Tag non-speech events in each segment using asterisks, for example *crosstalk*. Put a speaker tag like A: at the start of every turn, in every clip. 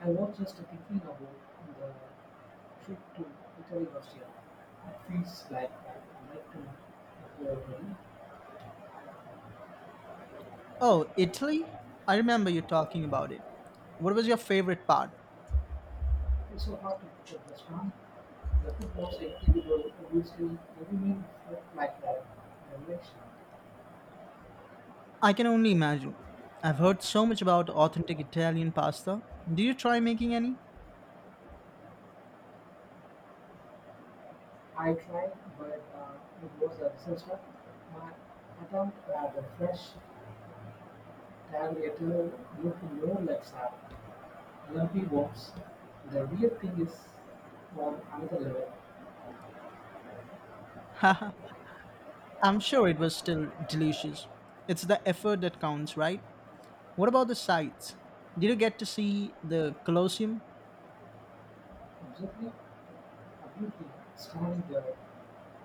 A: I was just thinking about the trip to Italy last year. It feels like I'd like to go again.
B: Oh, Italy? I remember you talking about it. What was your favorite part?
A: It's so hard to pick a restaurant. The food was incredible. Obviously, every meal felt like a revelation.
B: I can only imagine. I've heard so much about authentic Italian pasta. Do you try making any?
A: I tried, but it was a disaster. My attempt at a fresh tagliatelle looked more like sad, lumpy worms. The weird thing is on another level.
B: *laughs* Haha, I'm sure it was still delicious. It's the effort that counts, right? What about the sights? Did you get to see the Colosseum?
A: Absolutely ability smiling there,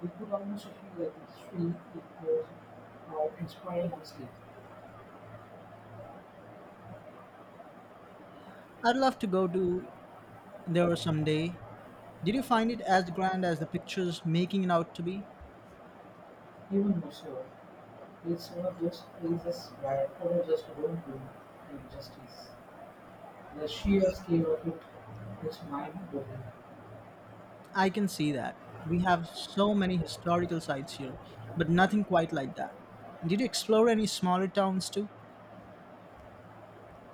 A: we could almost feel that the street it was now inspiring us sleep.
B: I'd love to go to there someday. Did you find it as grand as the pictures making it out to be?
A: Even more so, it's one of those places where color just won't do injustice. The sheer scale of it is mind-boggling.
B: I can see that. We have so many historical sites here, but nothing quite like that. Did you explore any smaller towns too?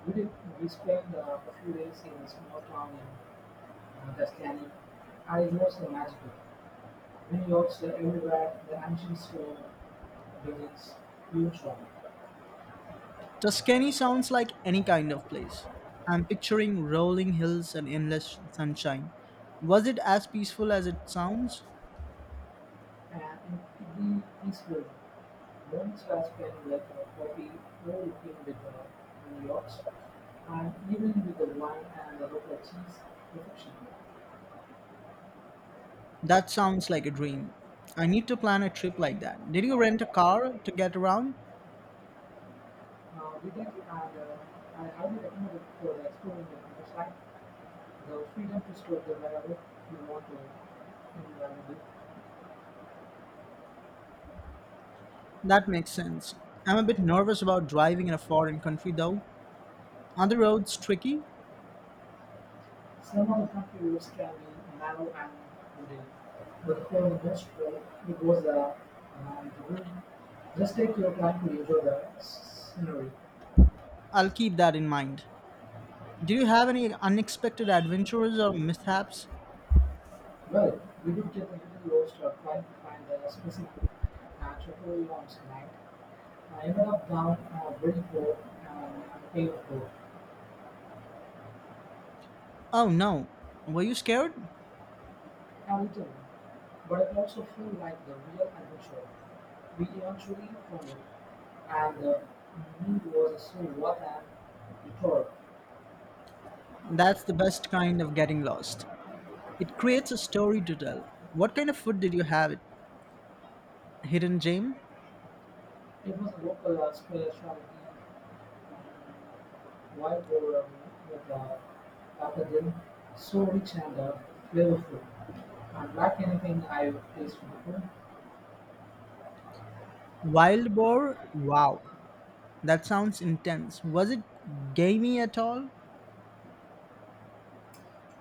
A: We did, we spent a few days in a small town in Tuscany. I lost the magic. Many yachts are everywhere, the ancient stone buildings, huge shops.
B: Tuscany sounds like any kind of place. I'm picturing rolling hills and endless sunshine. Was it as peaceful as it sounds?
A: And Anne Eastwood once has been like a hobby overlooking with the vineyards and even with the wine and the local cheese perfection.
B: That sounds like a dream. I need to plan a trip like that. Did you rent a car to get around?
A: We did, and I highly recommend it for exploring the countryside, the freedom to store the wherever you want to in London.
B: That makes sense. I'm a bit nervous about driving in a foreign country though. Are the roads tricky?
A: Some of the country can be narrow and wooded, but for most roads it was a road. Just take your time to enjoy the scenery.
B: I'll keep that in mind. Do you have any unexpected adventures or mishaps?
A: Well, we do get a little lost trying to find the specific chocolate ones tonight. I ended up down a bridge road and a paved road,
B: Oh no. Were you scared?
A: a little but it also felt like the real adventure we eventually found it, and the meat was so what and detour.
B: That's the best kind of getting lost. It creates a story to tell. What kind of food did you have? Hidden gem?
A: It was a localized spirituality wide over with a packaging so rich and flavorful. Unlike anything I've tasted before,
B: Wild boar? Wow. That sounds intense. Was it gamey at all?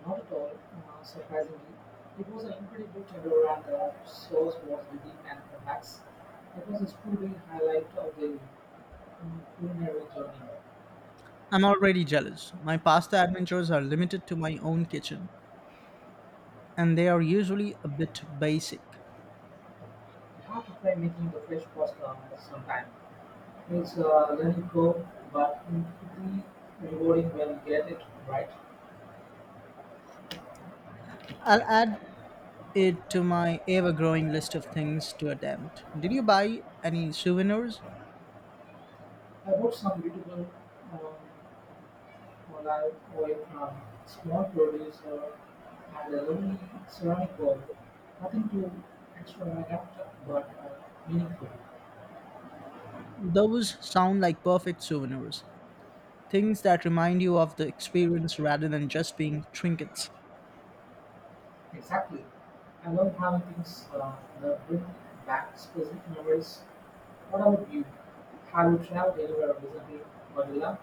A: not at all surprisingly, it was an incredible tender and the sauce was deep and complex. It was a truly highlight of the culinary journey.
B: I'm already jealous. My pasta adventures are limited to my own kitchen, and they are usually a bit basic.
A: You have to try making the fresh pasta sometime. It's a learning curve, but incredibly rewarding when you get it right.
B: I'll add it to my ever growing list of things to attempt. Did you buy any souvenirs?
A: I bought some beautiful um, olive oil from small producer and a lovely ceramic bowl. Nothing too extravagant, but meaningful.
B: Those sound like perfect souvenirs. Things that remind you of the experience rather than just being trinkets.
A: Exactly. I love having things that bring back specific memories. What about you? Have you traveled anywhere recently, Manila?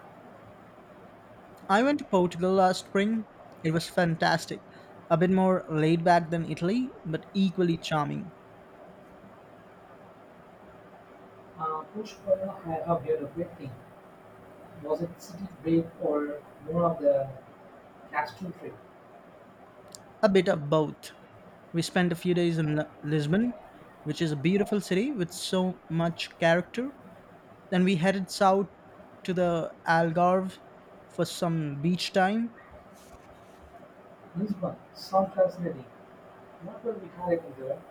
B: I went to Portugal last spring. It was fantastic. A bit more laid back than Italy, but equally charming.
A: Push, for I have heard a great thing. Was it city break or more of the castletrip.
B: A bit of both. We spent a few days in Lisbon, which is a beautiful city with so much character. Then we headed south to the Algarve for some beach time.
A: Lisbon sometimes heady. What will we talking there?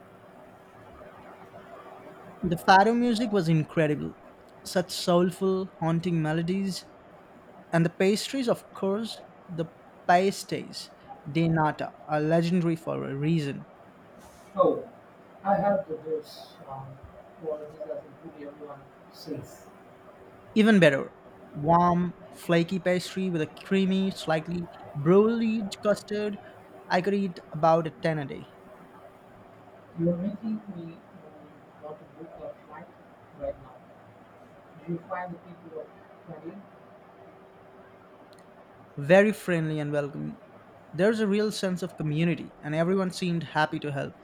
B: The fado music was incredible. Such soulful, haunting melodies. And the pastries, of course, the pastéis de nata are legendary for a reason.
A: Oh, I have the dose for this as a good everyone says.
B: Even better, warm, flaky pastry with a creamy, slightly broilie custard. I could eat about a 10 a day.
A: You're making me um, want to book a flight right now. Do you find the people are friendly?
B: Very friendly and welcoming. There's a real sense of community, and everyone seemed happy to help.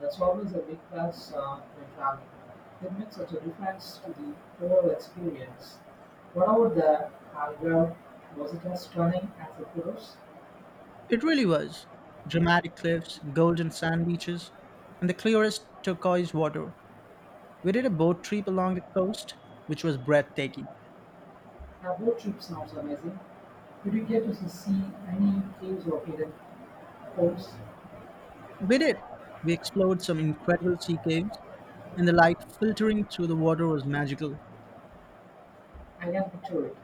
A: That's always a big plus when traveling. It makes such a difference to the overall experience. What about the Algarve? Was it as stunning as the photos?
B: It really was. Dramatic cliffs, golden sand beaches, and the clearest turquoise water. We did a boat trip along the coast, which was breathtaking.
A: Have road trips sounds amazing. Did you get to see any caves or hidden homes?
B: We did. We explored some incredible sea caves, and the light filtering through the water was magical.
A: I can picture it.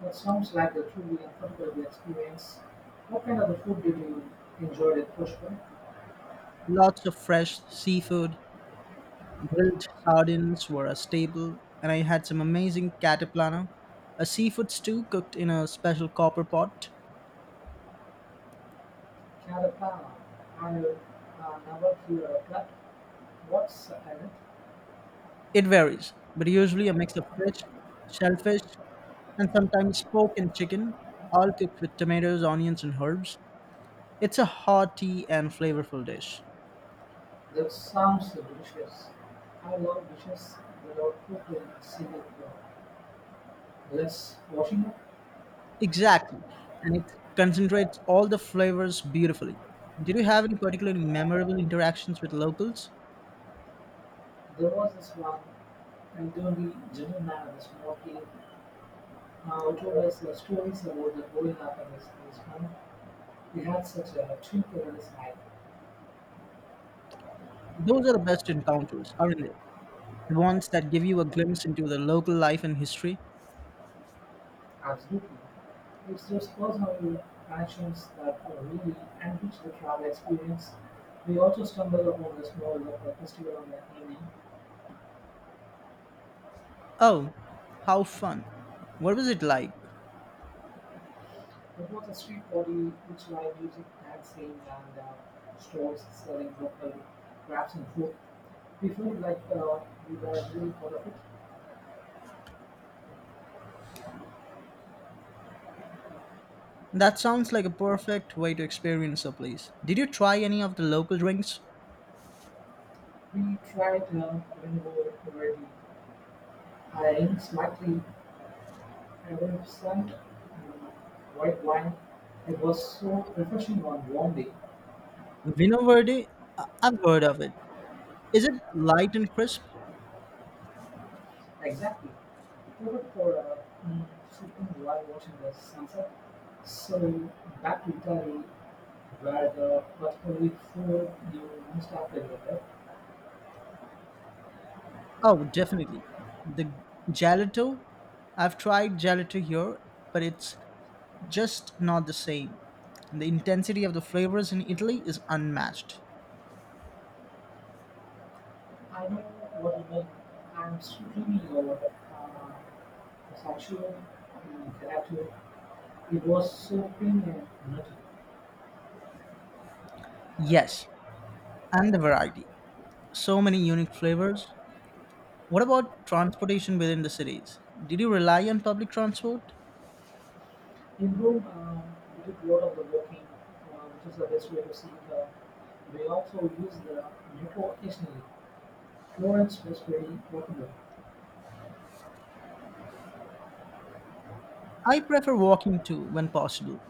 A: That sounds like a truly unforgettable experience. What kind of food did you enjoy at Pushpa?
B: Lots of fresh seafood, grilled sardines were a staple, and I had some amazing caterpillar, a seafood stew cooked in a special copper pot.
A: Kalapa. I never hear of that. What's in it?
B: It varies, but usually a mix of fish, shellfish, and sometimes pork and chicken, all cooked with tomatoes, onions, and herbs. It's a hearty and flavorful dish.
A: That sounds delicious. I love dishes that are cooked in single less washing up.
B: Exactly, and it concentrates all the flavors beautifully. Did you have any particularly memorable interactions with locals?
A: There was this one elderly gentleman at the small cave. It told us stories about the whole up this, one. We had such a trip this night.
B: Those are the best encounters, aren't they? The ones that give you a glimpse into the local life and history.
A: Absolutely. It's those personal connections that really enrich the travel experience. We also stumbled upon this small local festival on that evening.
B: Oh, how fun. What was it like?
A: It was a street party which live music, dancing, and stores selling local crafts and food. We felt like we were really part of it.
B: That sounds like a perfect way to experience a place. Did you try any of the local drinks?
A: We tried renewable variety, eyeing slightly Adolescent white wine, it was so refreshing on warm day.
B: Vino Verde? I've heard of it. Is it light and crisp?
A: Exactly. Perfect for sipping while watching the sunset. So back to Italy, where the particularly food you must have delivered.
B: Oh, definitely. The gelato? I've tried gelato here, but it's just not the same. The intensity of the flavors in Italy is unmatched.
A: I know what you mean. I'm streaming over. Pistachio gelato. It was so creamy and nutty.
B: Yes, and the variety. So many unique flavors. What about transportation within the cities? Did you rely on public transport?
A: Improve the role of the walking, which is the best way to see the. We also use the metro occasionally. Florence was very popular.
B: I prefer walking too when possible.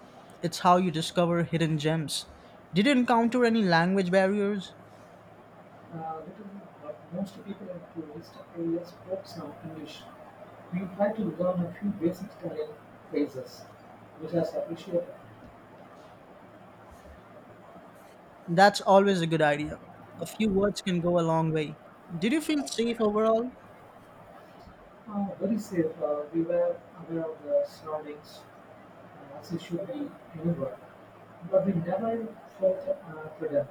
B: It's how you discover hidden gems. Did you encounter any language barriers?
A: Little, but most people in tourist areas spoke some English. We try to learn a few basic Italian phrases, which is appreciated.
B: That's always a good idea. A few words can go a long way. Did you feel safe overall?
A: Very safe. We were aware of the surroundings as it should be anywhere, but we never felt freedom.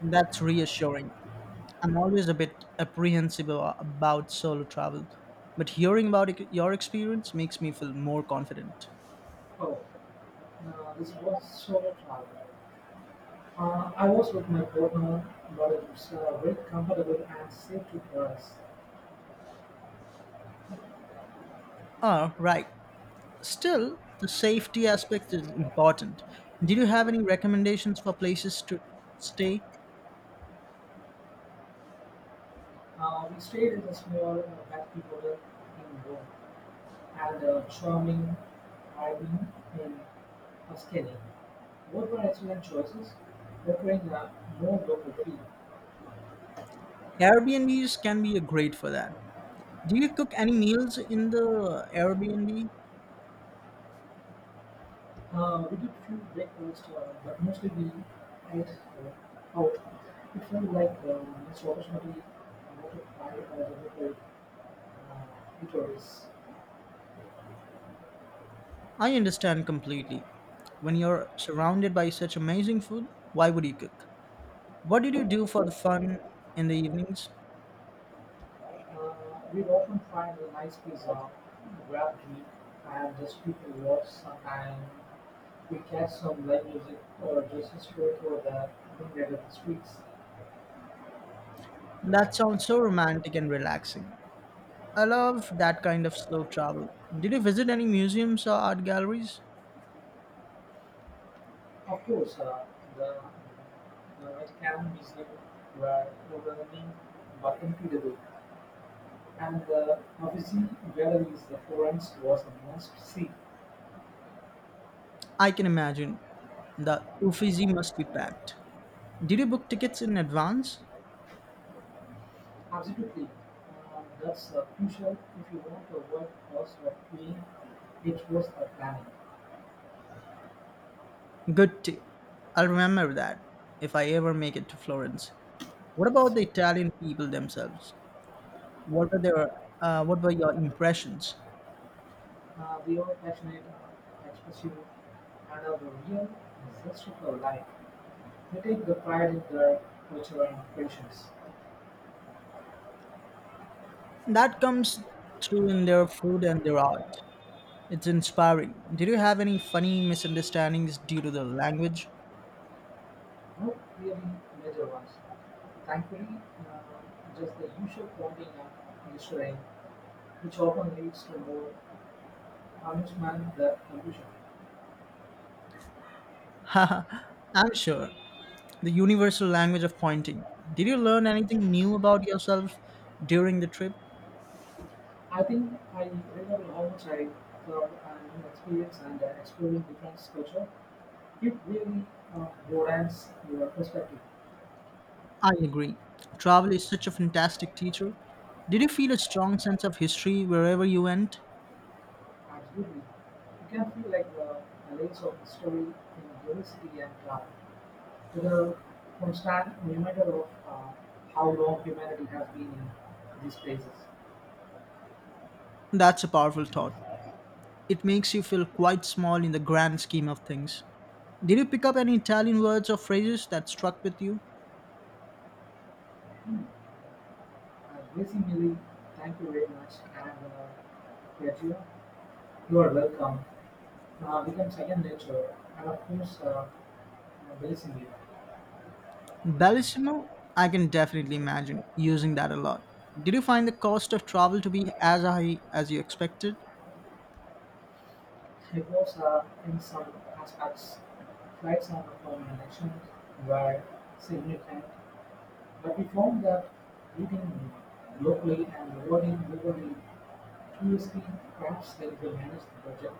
B: That's reassuring. I'm always a bit apprehensive about solo travel, but hearing about your experience makes me feel more confident.
A: Oh. This was solo travel. I was with my partner, but it's very comfortable and safe trip for us.
B: Ah, right. Still, the safety aspect is important. Did you have any recommendations for places to stay?
A: We stayed in a small backpack hotel in Rome and a charming island in Tuscany. Both were excellent choices, offering a more local feel.
B: Airbnbs can be a great for that. Do you cook any meals in the Airbnb?
A: We did few breakfasts, but mostly we ate out. It felt like this opportunity not to try the local eateries.
B: I understand completely. When you're surrounded by such amazing food, why would you cook? What did you do for the fun in the evenings?
A: Uh, we often find a nice pizza, grab drink, and just people watch sometime. We catch some live music or just stroll through the streets.
B: That sounds so romantic and relaxing. I love that kind of slow travel. Did you visit any museums or art galleries?
A: Of course, the, the Vatican Museum were overwhelming but incredible. And the Uffizi Valley is the Florence was a must-see.
B: I can imagine. The Uffizi must be packed. Did you book tickets in advance?
A: Absolutely. That's crucial if you want a avoid cost of being exposed or planning.
B: Good tip. I'll remember that if I ever make it to Florence. What about the Italian people themselves? What were their what were your impressions?
A: They are passionate, expressive, and are the real zest for life. They take the pride in their culture and patience.
B: That comes through in their food and their art. It's inspiring. Did you have any funny misunderstandings due to the language?
A: No really major ones. Thankfully, just the usual pointing and gesturing, which often leads to more amusement than confusion.
B: *laughs* I'm sure. The universal language of pointing. Did you learn anything new about yourself during the trip?
A: I think I remember almost I from an experience and exploring different culture. It really broadens your perspective.
B: I agree. Travel is such a fantastic teacher. Did you feel a strong sense of history wherever you went?
A: Absolutely, you can feel like the layers of history in diversity and the constant reminder of how long humanity has been in these places.
B: That's a powerful thought. It makes you feel quite small in the grand scheme of things. Did you pick up any Italian words or phrases that struck with you?
A: Uh, Gracie Millie, thank you very much, and Piaggio, you are welcome. Becomes second nature, and of course. Amazingly,
B: Bellissimo? I can definitely imagine using that a lot. Did you find the cost of travel to be as high as you expected?
A: he was a in some aspects flights and accommodations were significant, but we found that reading locally and rewarding globally previously perhaps helped to manage the budget.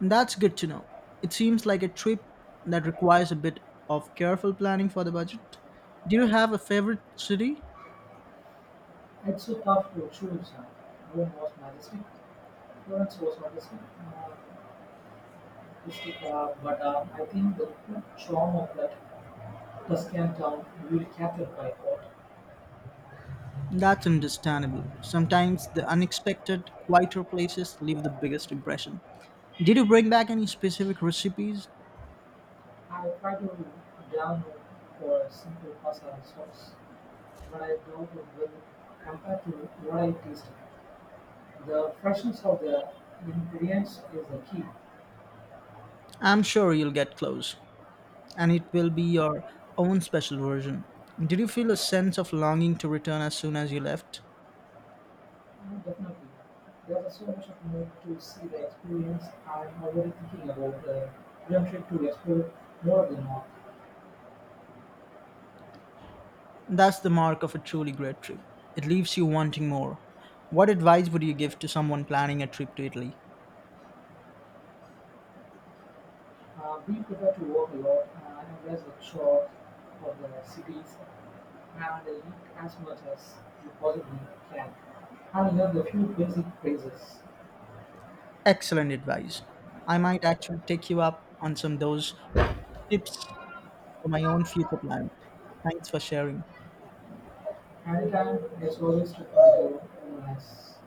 B: That's good to know. It seems like a trip that requires a bit of careful planning for the budget. Do you have a favorite city?
A: It's so tough to choose. Rome was majestic, Florence was majestic, but I think the true charm of that Tuscan town will be captured by art.
B: That's understandable. Sometimes the unexpected, quieter places leave the biggest impression. Did you bring back any specific recipes?
A: I Avocado Giano for simple pasta sauce, but I doubt it will compare to what I tasted. The freshness of the ingredients is the key.
B: I'm sure you'll get close, and it will be your own special version. Did you feel a sense of longing to return as soon as you left?
A: Definitely. There's so much of more to see the experience. I'm already thinking about the Junction to explore more than the north.
B: That's the mark of a truly great trip. It leaves you wanting more. What advice would you give to someone planning a trip to Italy?
A: We prefer to walk a lot and embrace the chores of the cities and eat as much as you possibly can and learn the few basic phrases.
B: Excellent advice. I might actually take you up on some of those tips for my own future planning. Thanks for sharing.
A: Anytime there's always to find a nice.